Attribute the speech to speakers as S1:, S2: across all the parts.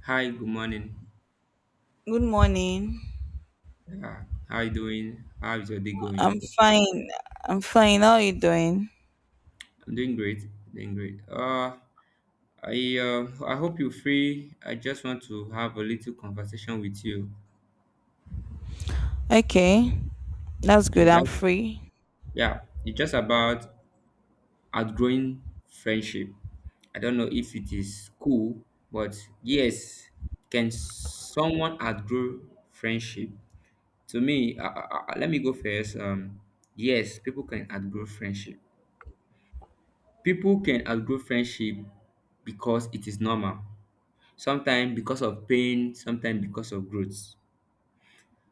S1: Hi, good morning.
S2: Good morning.
S1: Yeah, how you doing? How is your day going?
S2: I'm fine. I'm fine. How are you doing?
S1: I'm doing great. Doing great. I hope you're free. I just want to have a little conversation with you.
S2: Okay. That's good.
S1: Okay,
S2: I'm
S1: that's
S2: free.
S1: yeah. It's just about outgrowing friendship. I don't know if it is cool, but yes, can someone outgrow friendship? To me, let me go first. Yes, people can outgrow friendship. People can outgrow friendship because it is normal. Sometimes because of pain, sometimes because of growth.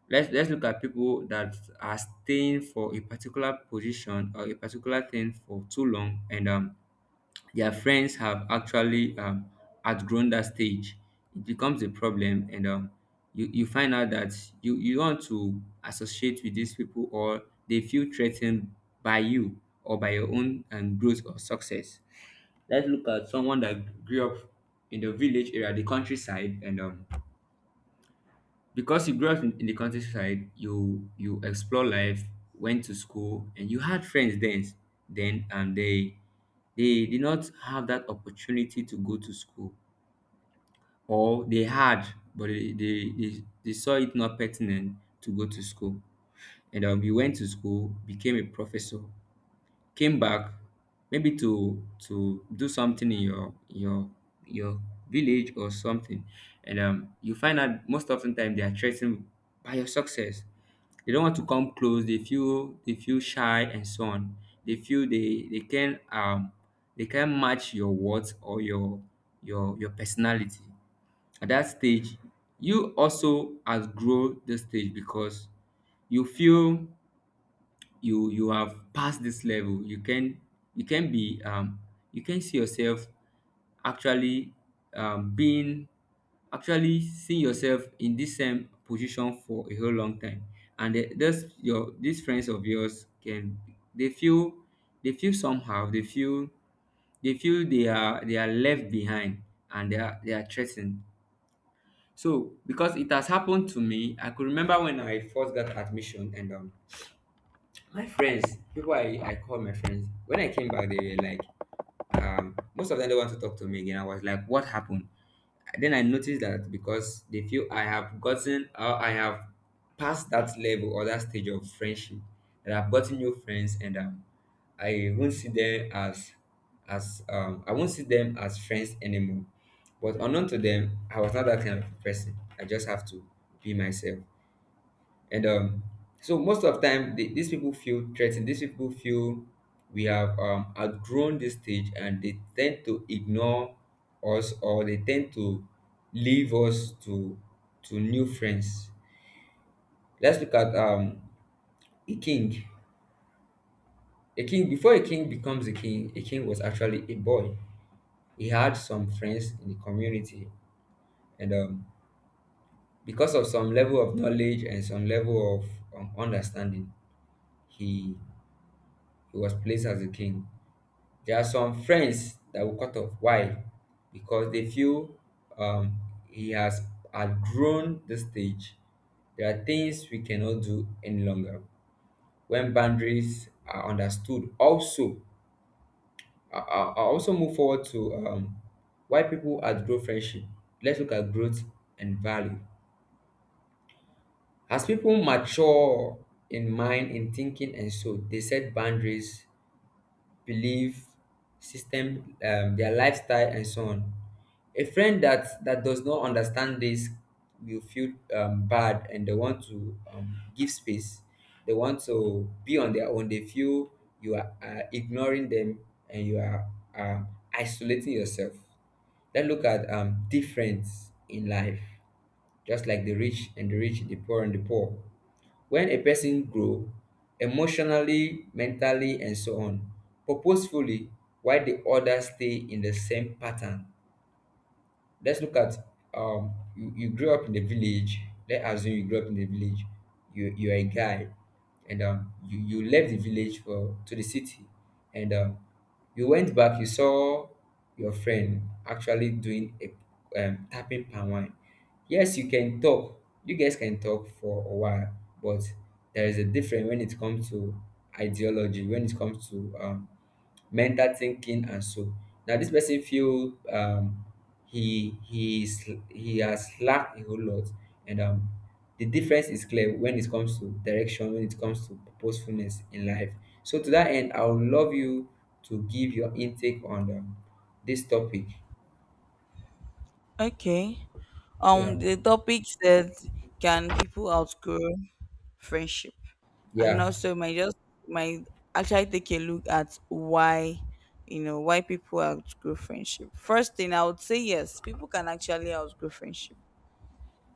S1: Let's look at people that are staying for a particular position or a particular thing for too long, and their friends have actually outgrown that stage. It becomes a problem, and you find out that you don't want to associate with these people, or they feel threatened by you or by your own growth or success. Let's look at someone that grew up in the village area, the countryside, and because you grew up in the countryside, you explore life, went to school, and you had friends then. Then and they did not have that opportunity to go to school, or they had, but they saw it not pertinent to go to school. And you went to school, became a professor, came back maybe to do something in your village or something, and you find out most often the time they are threatened by your success. They don't want to come close. They feel shy, and so on. They feel they can they can match your words or your personality at that stage. You also outgrow the stage because you feel you have passed this level. You can you can be you can see yourself actually um being actually seeing yourself in this same position for a whole long time, and the- those your these friends of yours can they feel they feel somehow they feel they feel they are left behind, and they are threatened. So because it has happened to me, I could remember when I first got admission, and my friends, people I call my friends, when I came back, they were like, most of them don't want to talk to me again. I was like, what happened? Then I noticed that because they feel I have I have passed that level or that stage of friendship, that I've gotten new friends, and I won't see them as, I won't see them as friends anymore. But unknown to them, I was not that kind of person. I just have to be myself, and so most of the time these people feel threatened. These people feel we have outgrown this stage, and they tend to ignore us, or they tend to leave us to new friends. Let's look at a king. Before a king becomes a king, a king was actually a boy. He had some friends in the community, and because of some level of knowledge and some level of understanding, he he was placed as a king. There are some friends that will cut off. Why? Because they feel um, he has outgrown the stage. There are things we cannot do any longer. When boundaries are understood, also, I also move forward to why people outgrow friendship. Let's look at growth and value. As people mature in mind, in thinking, and so they set boundaries, belief system, their lifestyle, and so on. A friend that does not understand this will feel bad, and they want to give space. They want to be on their own. They feel you are ignoring them and you are um, isolating yourself. Let's look at difference in life, just like the rich and the rich, the poor and the poor. When a person grows emotionally, mentally, and so on, purposefully, while the others stay in the same pattern. Let's look at you grew up in a village. Let's assume you grew up in a village. You're a guy, and you left the village for to the city. And you went back. You saw your friend actually doing a tapping palm wine. Yes, you can talk. You guys can talk for a while, but there is a difference when it comes to ideology, when it comes to mental thinking, and so now this person feel he has lacked a whole lot. And the difference is clear when it comes to direction, when it comes to purposefulness in life. So to that end, I would love you to give your intake on this topic.
S2: Okay.
S1: Yeah.
S2: The topic said, can people outgrow friendship? And
S1: Yeah.
S2: also my actually take a look at why, you know, why people outgrow friendship. First thing I would say, yes, people can actually outgrow friendship.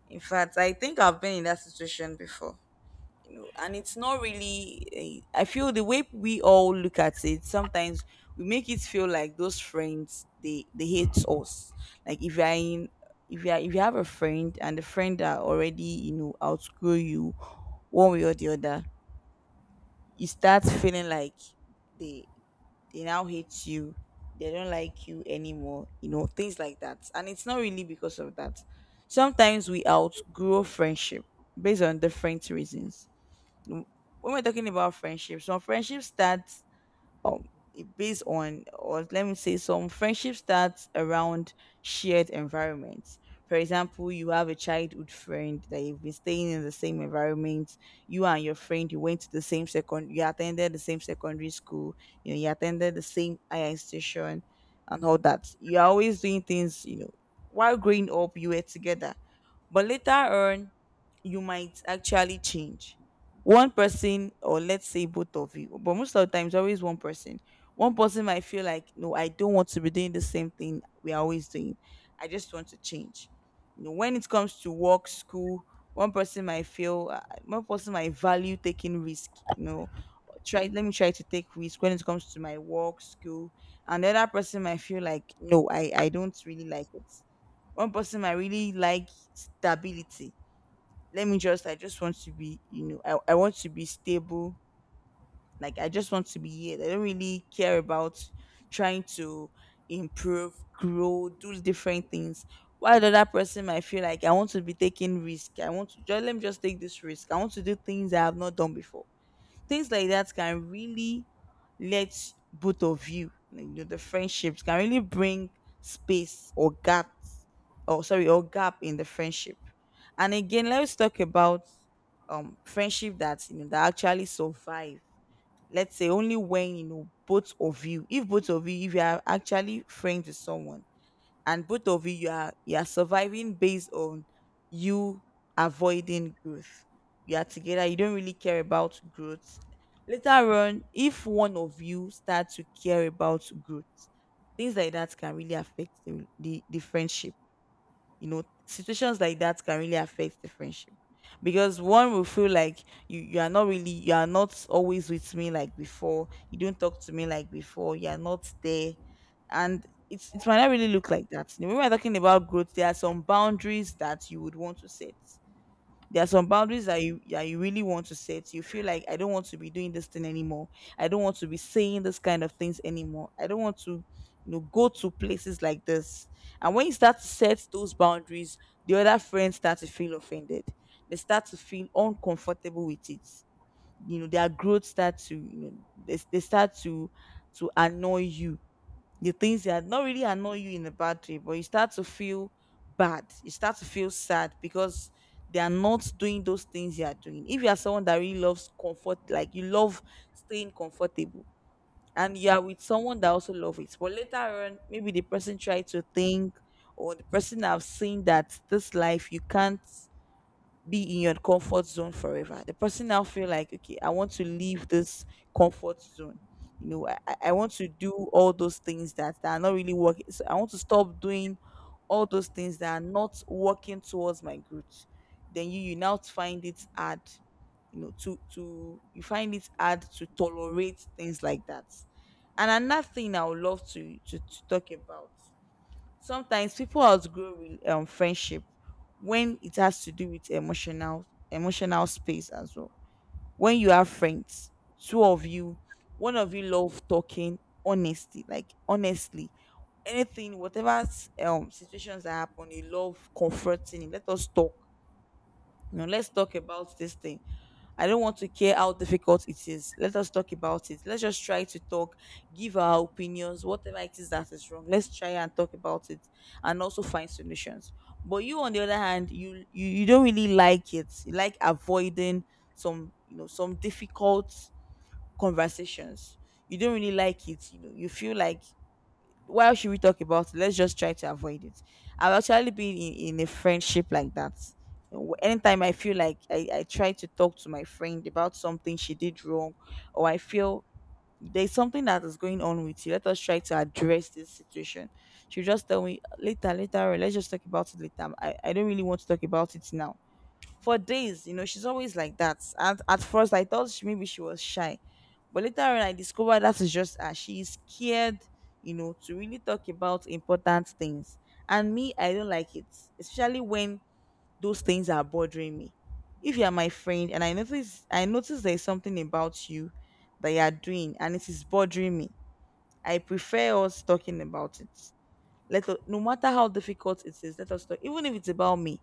S2: In fact, I think I've been in that situation before. You know, and it's not really, I feel the way we all look at it sometimes, we make it feel like those friends, they hate us. Like if you're in, if you are, if you have a friend, and the friend that already, you know, outgrow you one way or the other, you start feeling like they they now hate you, they don't like you anymore, you know, things like that. And it's not really because of that. Sometimes we outgrow friendship based on different reasons. When we're talking about friendships, some friendships start, um it based on, or let me say, some friendships start around shared environments. For example, you have a childhood friend that you've been staying in the same environment. You and your friend, you went to the same second, you attended the same secondary school. You know, you attended the same higher institution, and all that. You're always doing things. You know, while growing up, you were together, but later on, you might actually change. One person, or let's say both of you, but most of the times always one person. One person might feel like, no, I don't want to be doing the same thing we're always doing. I just want to change. You know, when it comes to work, school, one person might feel, one person might value taking risk. You know, try, let me try to take risk when it comes to my work, school. And the other person might feel like, no, I don't really like it. One person might really like stability. Let me just, I just want to be, you know, I want to be stable. Like I just want to be here, I don't really care about trying to improve, grow, do different things, while the other person might feel like, I want to be taking risk, I want to just, let me just take this risk, I want to do things I have not done before. Things like that can really let both of you, like, you know, the friendships can really bring space or gap, or sorry, or gap in the friendship. And again, let's talk about friendship that, you know, that actually survive. Let's say only when, you know, both of you, if both of you, if you are actually friends with someone, and both of you, you are, you are surviving based on you avoiding growth. You are together, you don't really care about growth. Later on, if one of you start to care about growth, things like that can really affect the friendship. You know, situations like that can really affect the friendship, because one will feel like, you are not really, you are not always with me like before, you don't talk to me like before, you are not there. And it's, it might not really look like that. When we're talking about growth, there are some boundaries that you would want to set. There are some boundaries that you, that you really want to set. You feel like, I don't want to be doing this thing anymore. I don't want to be saying this kind of things anymore. I don't want to, you know, go to places like this. And when you start to set those boundaries, the other friends start to feel offended. They start to feel uncomfortable with it. You know, their growth start to, you know, they start to annoy you. The things that not really annoy you in a bad way, but you start to feel bad. You start to feel sad because they are not doing those things you are doing. If you are someone that really loves comfort, like you love staying comfortable, and you are with someone that also loves it, but later on, maybe the person tried to think, or the person have seen that this life you can't be in your comfort zone forever. The person now feel like, okay, I want to leave this comfort zone. You know, I want to do all those things that, that are not really working. So I want to stop doing all those things that are not working towards my growth. Then you now find it hard, you know, to you find it hard to tolerate things like that. And another thing I would love to to talk about, sometimes people outgrow friendship when it has to do with emotional, emotional space as well. When you have friends, two of you, one of you love talking, honestly, like honestly, anything whatever, situations that happen, you love comforting. Let us talk, you know, let's talk about this thing. I don't want to care how difficult it is, let us talk about it. Let's just try to talk, give our opinions, whatever it is that is wrong, let's try and talk about it, and also find solutions. But you on the other hand, you, you don't really like it. You like avoiding some, you know, some difficult conversations. You don't really like it, you know. You feel like, why should we talk about it? Let's just try to avoid it. I've actually been in a friendship like that. Anytime I feel like I try to talk to my friend about something she did wrong, or I feel there's something that is going on with you, let us try to address this situation. She'll just tell me later, later, or let's just talk about it later. I don't really want to talk about it now, for days. You know, she's always like that. And at first, I thought she, maybe she was shy, but later on, I discovered that is just her. She is scared, you know, to really talk about important things. And me, I don't like it, especially when those things are bothering me. If you are my friend and I notice there is something about you that you are doing and it is bothering me, I prefer us talking about it. Let us, no matter how difficult it is, let us talk. Even if it's about me,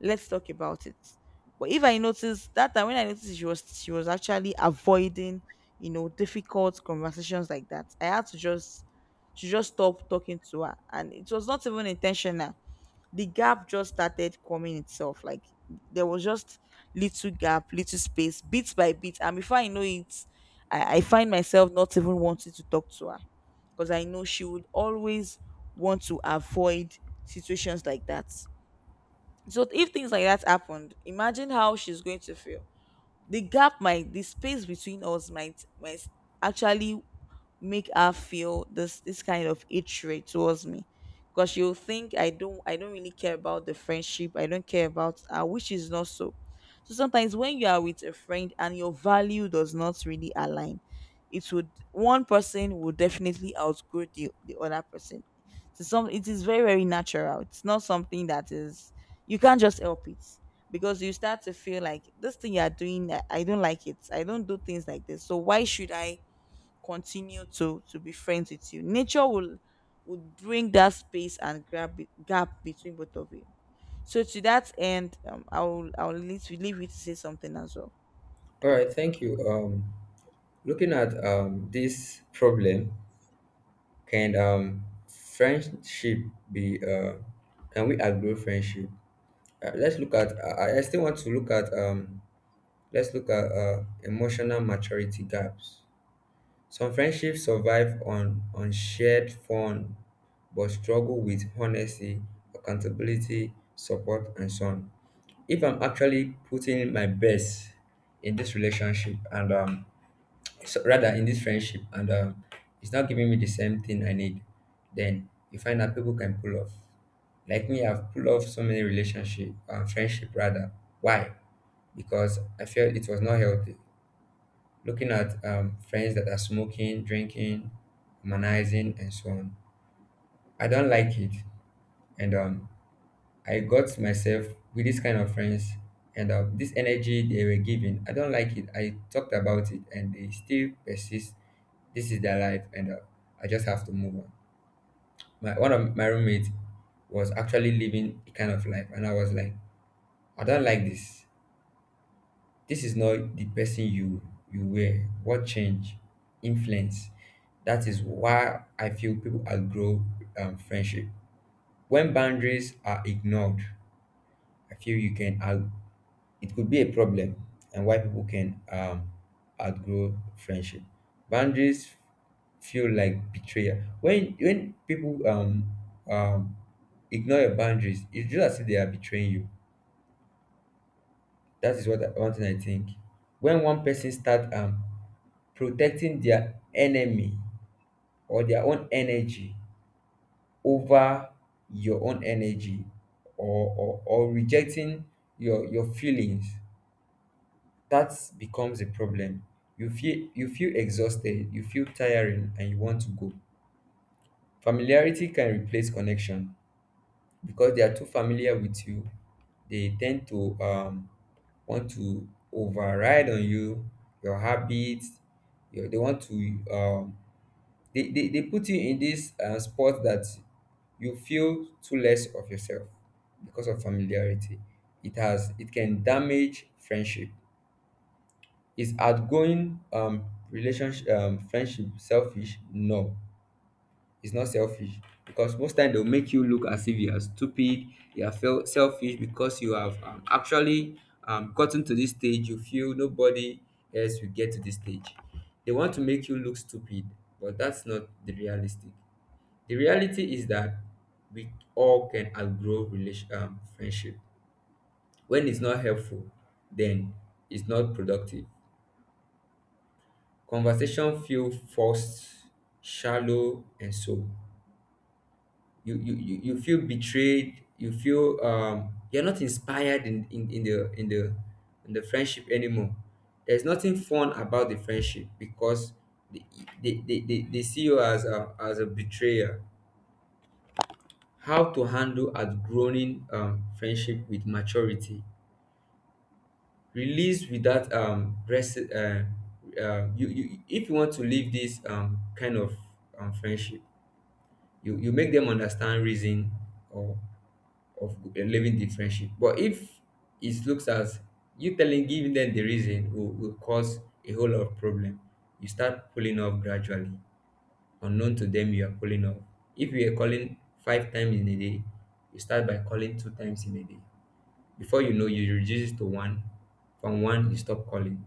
S2: let's talk about it. But if I notice that time when I noticed she was actually avoiding, you know, difficult conversations like that, I had to just stop talking to her, and it was not even intentional. The gap just started coming itself. Like there was just little gap, little space, bit by bit. And before I know it, I find myself not even wanting to talk to her because I know she would always want to avoid situations like that. So if things like that happened, imagine how she's going to feel. The gap might, the space between us might actually make her feel this, this kind of hatred towards me, because she'll think, I don't really care about the friendship, I don't care about her, which is not so. So sometimes when you are with a friend and your value does not really align, it would, one person will definitely outgrow the other person. So some, it is very, very natural. It's not something that is, you can't just help it, because you start to feel like, this thing you are doing, I don't like it, I don't do things like this, so why should I continue to be friends with you. Nature will, would bring that space and grab, gap between both of you. So to that end, leave you to say something as well.
S1: All right, thank you. Looking at this problem, can friendship be can we outgrow friendship? Let's look at. I still want to look at. Let's look at emotional maturity gaps. Some friendships survive on shared fun, but struggle with honesty, accountability, support, and so on. If I'm actually putting in my best in this relationship, and so rather in this friendship, and it's not giving me the same thing I need, then you find that people can pull off. Like me, I've pulled off so many relationship, friendship rather. Why? Because I felt it was not healthy. Looking at friends that are smoking, drinking, humanizing, and so on. I don't like it, and I got myself with this kind of friends, and this energy they were giving, I don't like it. I talked about it, and they still persist. This is their life, and I just have to move on. My one of my roommates was actually living a kind of life, and I was like, I don't like this. This is not the person you were. What change? Influence. That is why I feel people outgrow friendship. When boundaries are ignored, I feel you can out, it could be a problem and why people can outgrow friendship. Boundaries feel like betrayal. When people um, ignore your boundaries, it's just as if they are betraying you. That is what I, one thing I think. When one person start protecting their enemy or their own energy over your own energy, or rejecting your feelings, that becomes a problem. You feel you feel exhausted, you feel tiring, and you want to go. Familiarity can replace connection. Because they are too familiar with you, they tend to want to override on you, your habits, your, they want to they put you in this spot that you feel too less of yourself. Because of familiarity, it can damage friendship. Is outgoing relationship friendship selfish? No, it's not selfish, because most time they'll make you look as if you are stupid, you are felt selfish because you have actually gotten to this stage. You feel nobody else will get to this stage. They want to make you look stupid, but that's not the realistic. The reality is that we all can outgrow relation friendship. When it's not helpful, then it's not productive. Conversation feel forced, shallow, and so you feel betrayed. You feel you're not inspired in the in the friendship anymore. There's nothing fun about the friendship because they they see you as a betrayer. How to handle outgrowing friendship with maturity. Release without rest. You, you if you want to leave this kind of friendship, you make them understand reason or of a living the friendship. But if it looks as you telling giving them the reason will cause a whole lot of problem, you start pulling off gradually, unknown to them you are pulling off. If you are calling 5 times in a day, you start by calling 2 times in a day. Before you know, you reduce it to one. From one, you stop calling.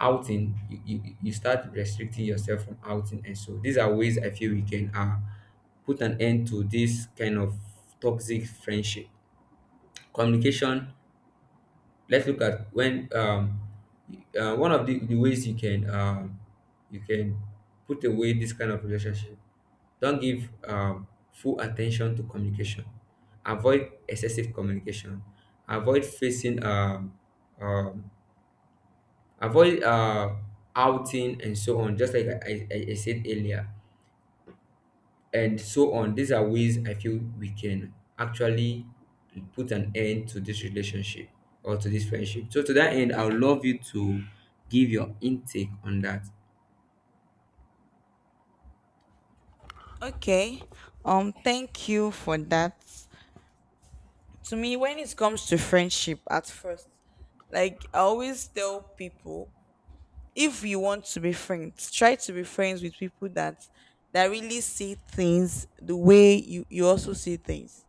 S1: Outing, you start restricting yourself from outing. And so these are ways I feel we can put an end to this kind of toxic friendship. Communication. Let's look at when one of the ways you can put away this kind of relationship. Don't give full attention to communication. Avoid excessive communication. Avoid facing um, avoid outing and so on, just like I said earlier. And so on, these are ways I feel we can actually put an end to this relationship or to this friendship. So to that end, I would love you to give your intake on that.
S2: Okay. Thank you for that. To me, when it comes to friendship, at first, like I always tell people, if you want to be friends, try to be friends with people that that really see things the way you, you also see things.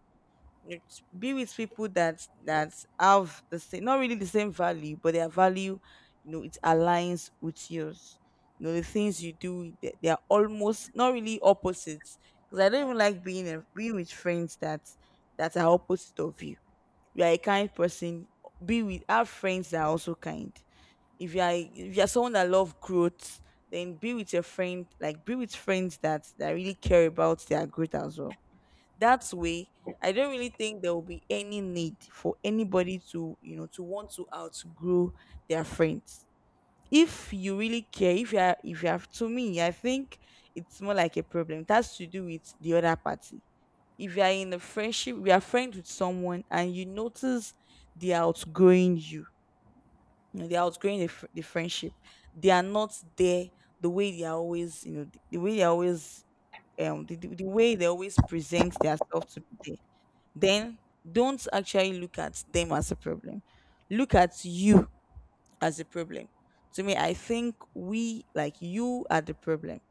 S2: Be with people that that have the same, not really the same value, but their value, you know, it aligns with yours. You know, the things you do, they are almost not really opposites, because I don't even like being with friends that that are opposite of you. You are a kind person, be with, have friends that are also kind. If you are, if you're someone that love growth, then be with your friend, like be with friends that that really care about their growth as well. That way, I don't really think there will be any need for anybody to, you know, to want to outgrow their Friends. If you really care, if you have, to me, I think it's more like a problem. It has to do with the other party. If you are in a friendship, we are friends with someone and you notice they are outgrowing you, they are outgrowing the friendship. They are not there the way they are always, the way they are always, the, the way they always present themselves to be. There then, don't actually look at them as a problem. Look at you as a problem. To me, I think we like, you are the problem.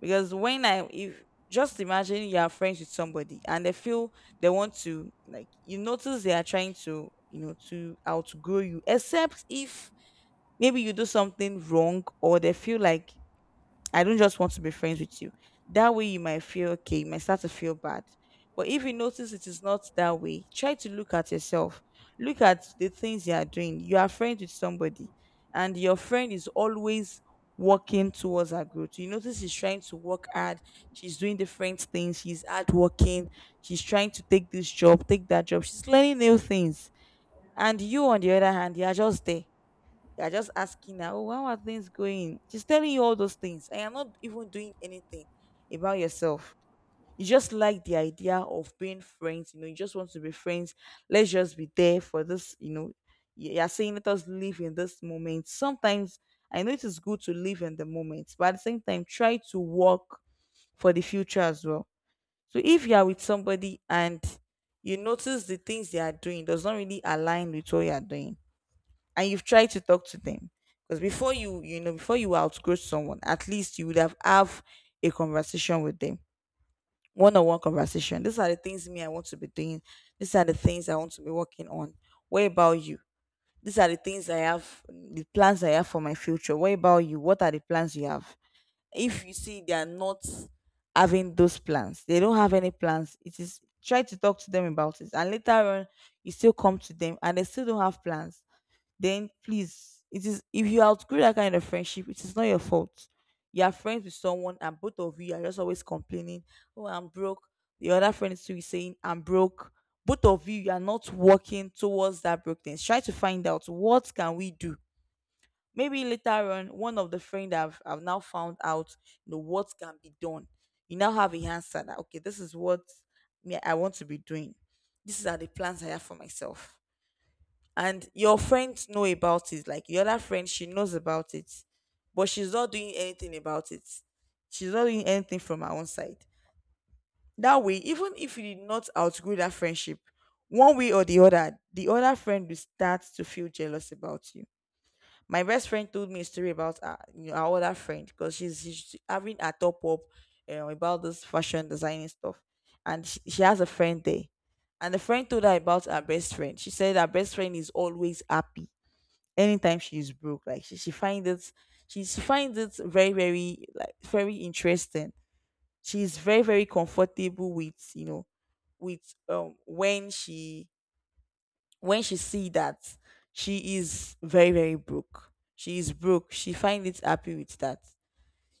S2: Because when I if just imagine you are friends with somebody and they feel they want to, like, you notice they are trying to, you know, to outgrow you. Except if maybe you do something wrong, or they feel like, I don't just want to be friends with you. That way, you might feel okay, you might start to feel bad. But if you notice it is not that way, try to look at yourself. Look at the things you are doing. You are friends with somebody, and your friend is always working towards her growth. You notice she's trying to work hard, she's doing different things, she's hard working. She's trying to take this job, take that job, she's learning new things. And you, on the other hand, you are just there. You're just asking her, oh, how are things going? She's telling you all those things, and you're not even doing anything about yourself. You just like the idea of being friends, you know, you just want to be friends. Let's just be there for this, you know. You're saying let us live in this moment. Sometimes I know it is good to live in the moment, but at the same time, try to work for the future as well. So if you are with somebody and you notice the things they are doing does not really align with what you are doing, and you've tried to talk to them, because before you, you know, before you outgrow someone, at least you would have a conversation with them. One-on-one conversation. These are the things, me, I want to be doing. These are the things I want to be working on. What about you? These are the things I have, the plans I have for my future. What about you? What are the plans you have? If you see they are not having those plans, they don't have any plans, it is, try to talk to them about it, and later on you still come to them and they still don't have plans, then please, it is, if you outgrow that kind of friendship, it is not your fault. You are friends with someone and both of you are just always complaining, oh, I'm broke. The other friend is too, saying I'm broke. Both of you, you are not working towards that brokenness. Try to find out, what can we do? Maybe later on, one of the friend, I've now found out, you know, what can be done. You now have a answer that, okay, this is what, me, I want to be doing. These are the plans I have for myself. And your friends know about it, like your other friend, she knows about it, but she's not doing anything about it. She's not doing anything from her own side. That way, even if you did not outgrow that friendship, one way or the other, the other friend will start to feel jealous about you. My best friend told me a story about her, you know, our other friend, because she's having a top up, about this fashion designing stuff. And she has a friend there, and the friend told her about her best friend. She said her best friend is always happy anytime she's broke. Like she finds it, she finds it very very, like, very interesting. She's very very comfortable with, you know, with when she, when she see that she is very very broke, she is broke, she finds it happy with that.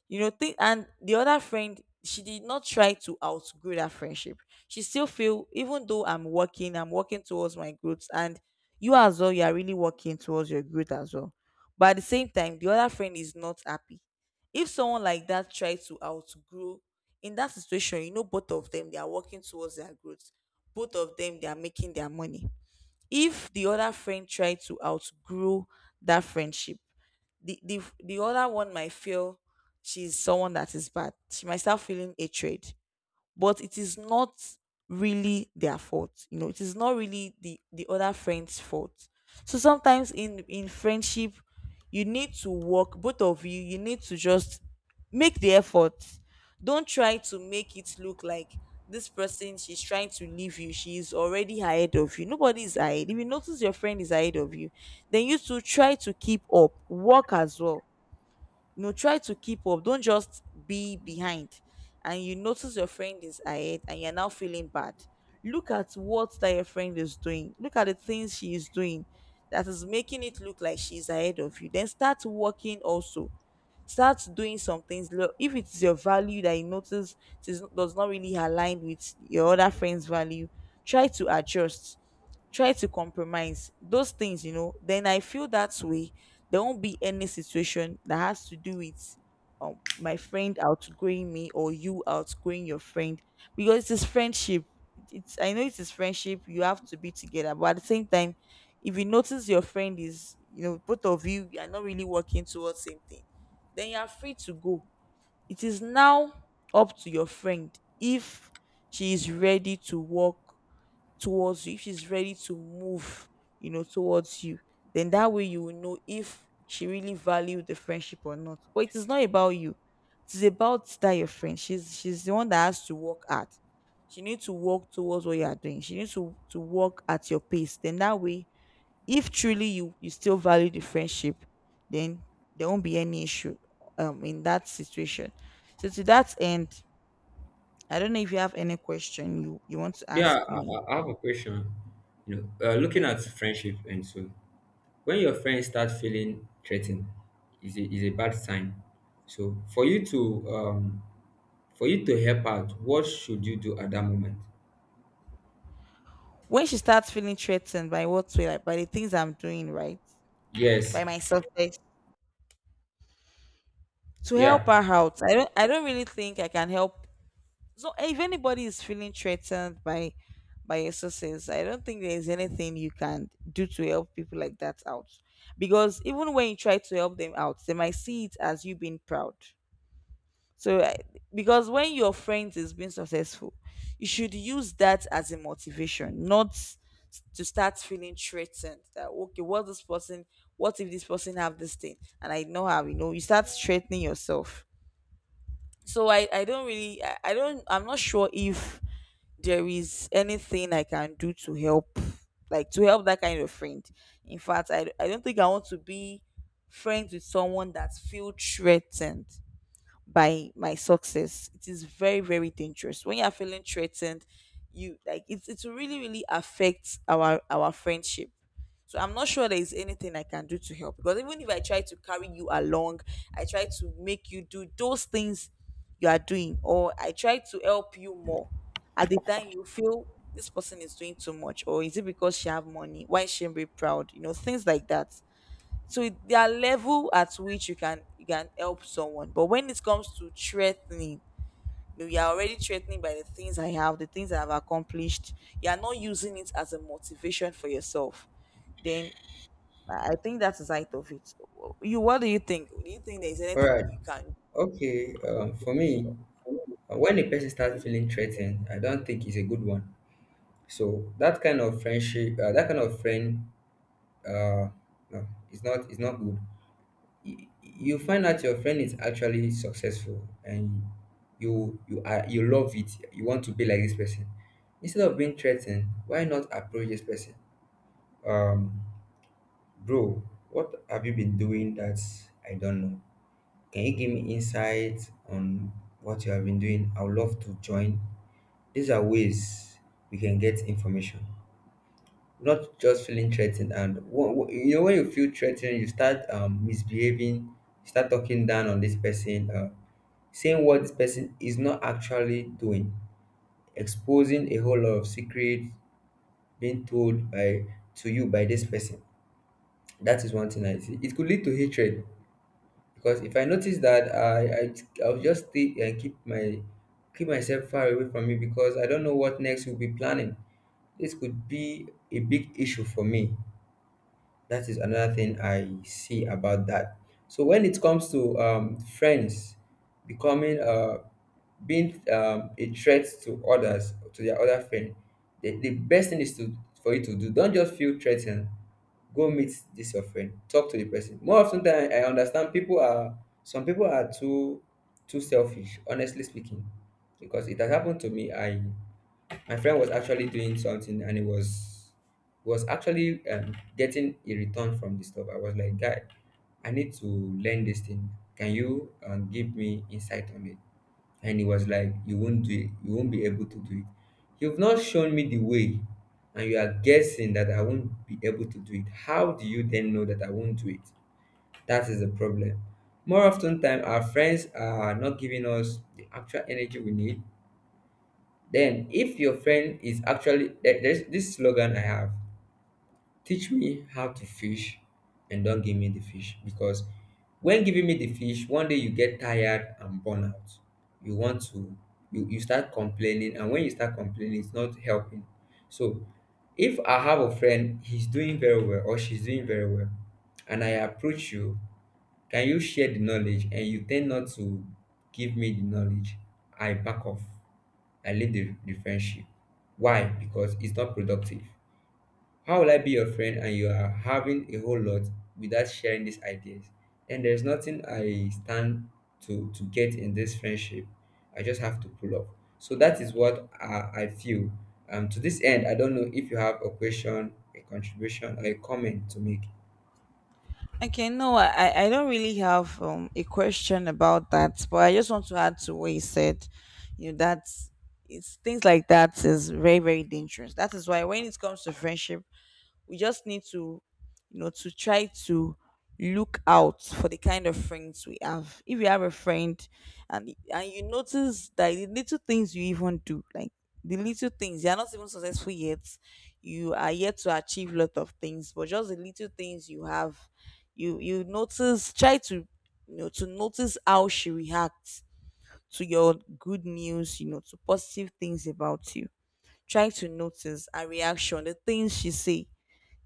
S2: You know, think, and the other friend, she did not try to outgrow that friendship. She still feel, even though I'm working, I'm working towards my growth, and you as well, you are really working towards your growth as well. But at the same time, the other friend is not happy. If someone like that tries to outgrow, in that situation, you know, both of them, they are working towards their growth, both of them, they are making their money. If the other friend try to outgrow that friendship, the other one might feel she's someone that is bad. She might start feeling hatred, but it is not really their fault. You know, it is not really the other friend's fault. So sometimes in friendship, you need to work, both of you, you need to just make the effort. Don't try to make it look like this person, she's trying to leave you, she's already ahead of you. Nobody is ahead. If you notice your friend is ahead of you, then you to try to keep up, work as well. You know, try to keep up, don't just be behind and you notice your friend is ahead and you're now feeling bad. Look at what that your friend is doing, look at the things she is doing that is making it look like she's ahead of you, then start working also, start doing some things. If it's your value that you notice it is, does not really align with your other friend's value, try to adjust, try to compromise those things, you know. Then I feel that way there won't be any situation that has to do with, my friend outgrowing me or you outgrowing your friend. Because it is friendship, it's, I know it is friendship, you have to be together, but at the same time, if you notice your friend is, you know, both of you, you are not really working towards same thing, then you are free to go. It is now up to your friend if she is ready to walk towards you, if she's ready to move, you know, towards you. Then that way you will know if she really valued the friendship or not. But it is not about you. It is about that your friend. She's the one that has to work at. She needs to walk towards what you are doing. She needs to walk at your pace. Then that way, if truly you still value the friendship, then there won't be any issue, in that situation. So to that end, I don't know if you have any question you want to
S1: Yeah,
S2: ask
S1: i,
S2: me.
S1: I I have a question. You know, looking at
S2: Okay.
S1: friendship and so when your friends start feeling threatened is a bad sign. So for you to help out, what should you do at that moment?
S2: When she starts feeling threatened by, what way, like by the things I'm doing, right?
S1: Yes.
S2: By my success. To help
S1: Yeah.
S2: her out, I don't really think I can help. So if anybody is feeling threatened by your success, I don't think there is anything you can do to help people like that out. Because even when you try to help them out, they might see it as you being proud. So I- because when your friend is being successful, you should use that as a motivation, not to start feeling threatened that, okay, what this person, what if this person have this thing, and I know how, you know, you start threatening yourself. So I don't really, I don't, I'm not sure if there is anything I can do to help, like to help that kind of friend. In fact, I don't think I want to be friends with someone that feel threatened by my success. It is very, very dangerous. When you're feeling threatened, you like, it really, really affects our friendship. So I'm not sure there is anything I can do to help. Because even if I try to carry you along, I try to make you do those things you are doing, or I try to help you more, at the time you feel this person is doing too much, or is it because she have money? Why shouldn't be proud? You know, things like that. So there are level at which you can help someone, but when it comes to threatening, you know, you're already threatening by the things I have, the things I've accomplished, you're not using it as a motivation for yourself, then I think that's the side of it. You, what do you think? Do you think there's
S1: All
S2: anything
S1: right.
S2: you can.
S1: Okay. For me, when a person starts feeling threatened, I don't think it's a good one. So that kind of friendship, that kind of friend, uh, no, it's not. It's not good. Y- You find out your friend is actually successful, and you love it. You want to be like this person. Instead of being threatened, why not approach this person? Um, Bro, what have you been doing that I don't know? Can you give me insights on what you have been doing? I would love to join. These are ways we can get information, not just feeling threatened. And you know, when you feel threatened, you start misbehaving, you start talking down on this person, saying what this person is not actually doing, exposing a whole lot of secrets being told by to you by this person. That is one thing I see. It could lead to hatred, because if I notice that I'll just stay and keep my keep myself far away from you, because I don't know what next will be planning. This could be a big issue for me. That is another thing I see about that. So when it comes to friends becoming being a threat to others, to their other friend, the best thing is to for you to do. Don't just feel threatened. Go meet this your friend. Talk to the person. More often than I understand, people are some people are too too selfish. Honestly speaking, because it has happened to me. I my friend was actually doing something and it was actually getting a return from the stuff. I was like, guy, I need to learn this thing. Can you give me insight on it? And he was like, you won't do it. You won't be able to do it. You've not shown me the way, and you are guessing that I won't be able to do it. How do you then know that I won't do it? That is the problem. More often time, our friends are not giving us the actual energy we need. Then, if your friend is actually there- there's this slogan I have: "Teach me how to fish, and don't give me the fish." Because when giving me the fish, one day you get tired and burn out. You want to, you start complaining, and when you start complaining, it's not helping. So, if I have a friend, he's doing very well or she's doing very well, and I approach you, can you share the knowledge? And you tend not to give me the knowledge. I back off. I leave the friendship. Why? Because it's not productive. How will I be your friend and you are having a whole lot without sharing these ideas? And there's nothing I stand to get in this friendship. I just have to pull up. So that is what I feel. To this end, I don't know if you have a question, a contribution, or a comment to make.
S2: Okay, no, I I don't really have a question about that, but I just want to add to what you said. You know, that's, it's things like that is very very dangerous. That is why when it comes to friendship, we just need to, you know, to try to look out for the kind of friends we have. If you have a friend, and you notice that the little things you even do, like, the little things, you're not even successful yet, you are yet to achieve a lot of things, but just the little things you have, you notice, try to, you know, to notice how she reacts to your good news, you know, to positive things about you. Try to notice her reaction, the things she say.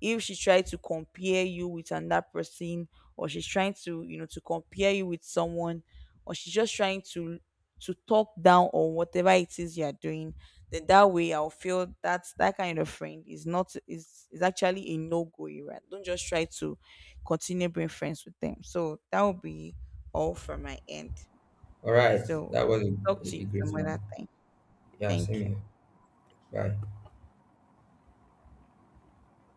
S2: If she try to compare you with another person, or she's trying to, you know, to compare you with someone, or she's just trying to talk down on whatever it is you're doing, then that way I'll feel that's, that kind of friend is not, is actually a no-go, right? Don't just try to continue being friends with them. So that will be all from my end.
S1: All right,
S2: So
S1: that was a,
S2: talk
S1: a
S2: to
S1: a
S2: you
S1: great
S2: some
S1: one.
S2: other time.
S1: Yeah, same
S2: Thank you.
S1: here. Bye.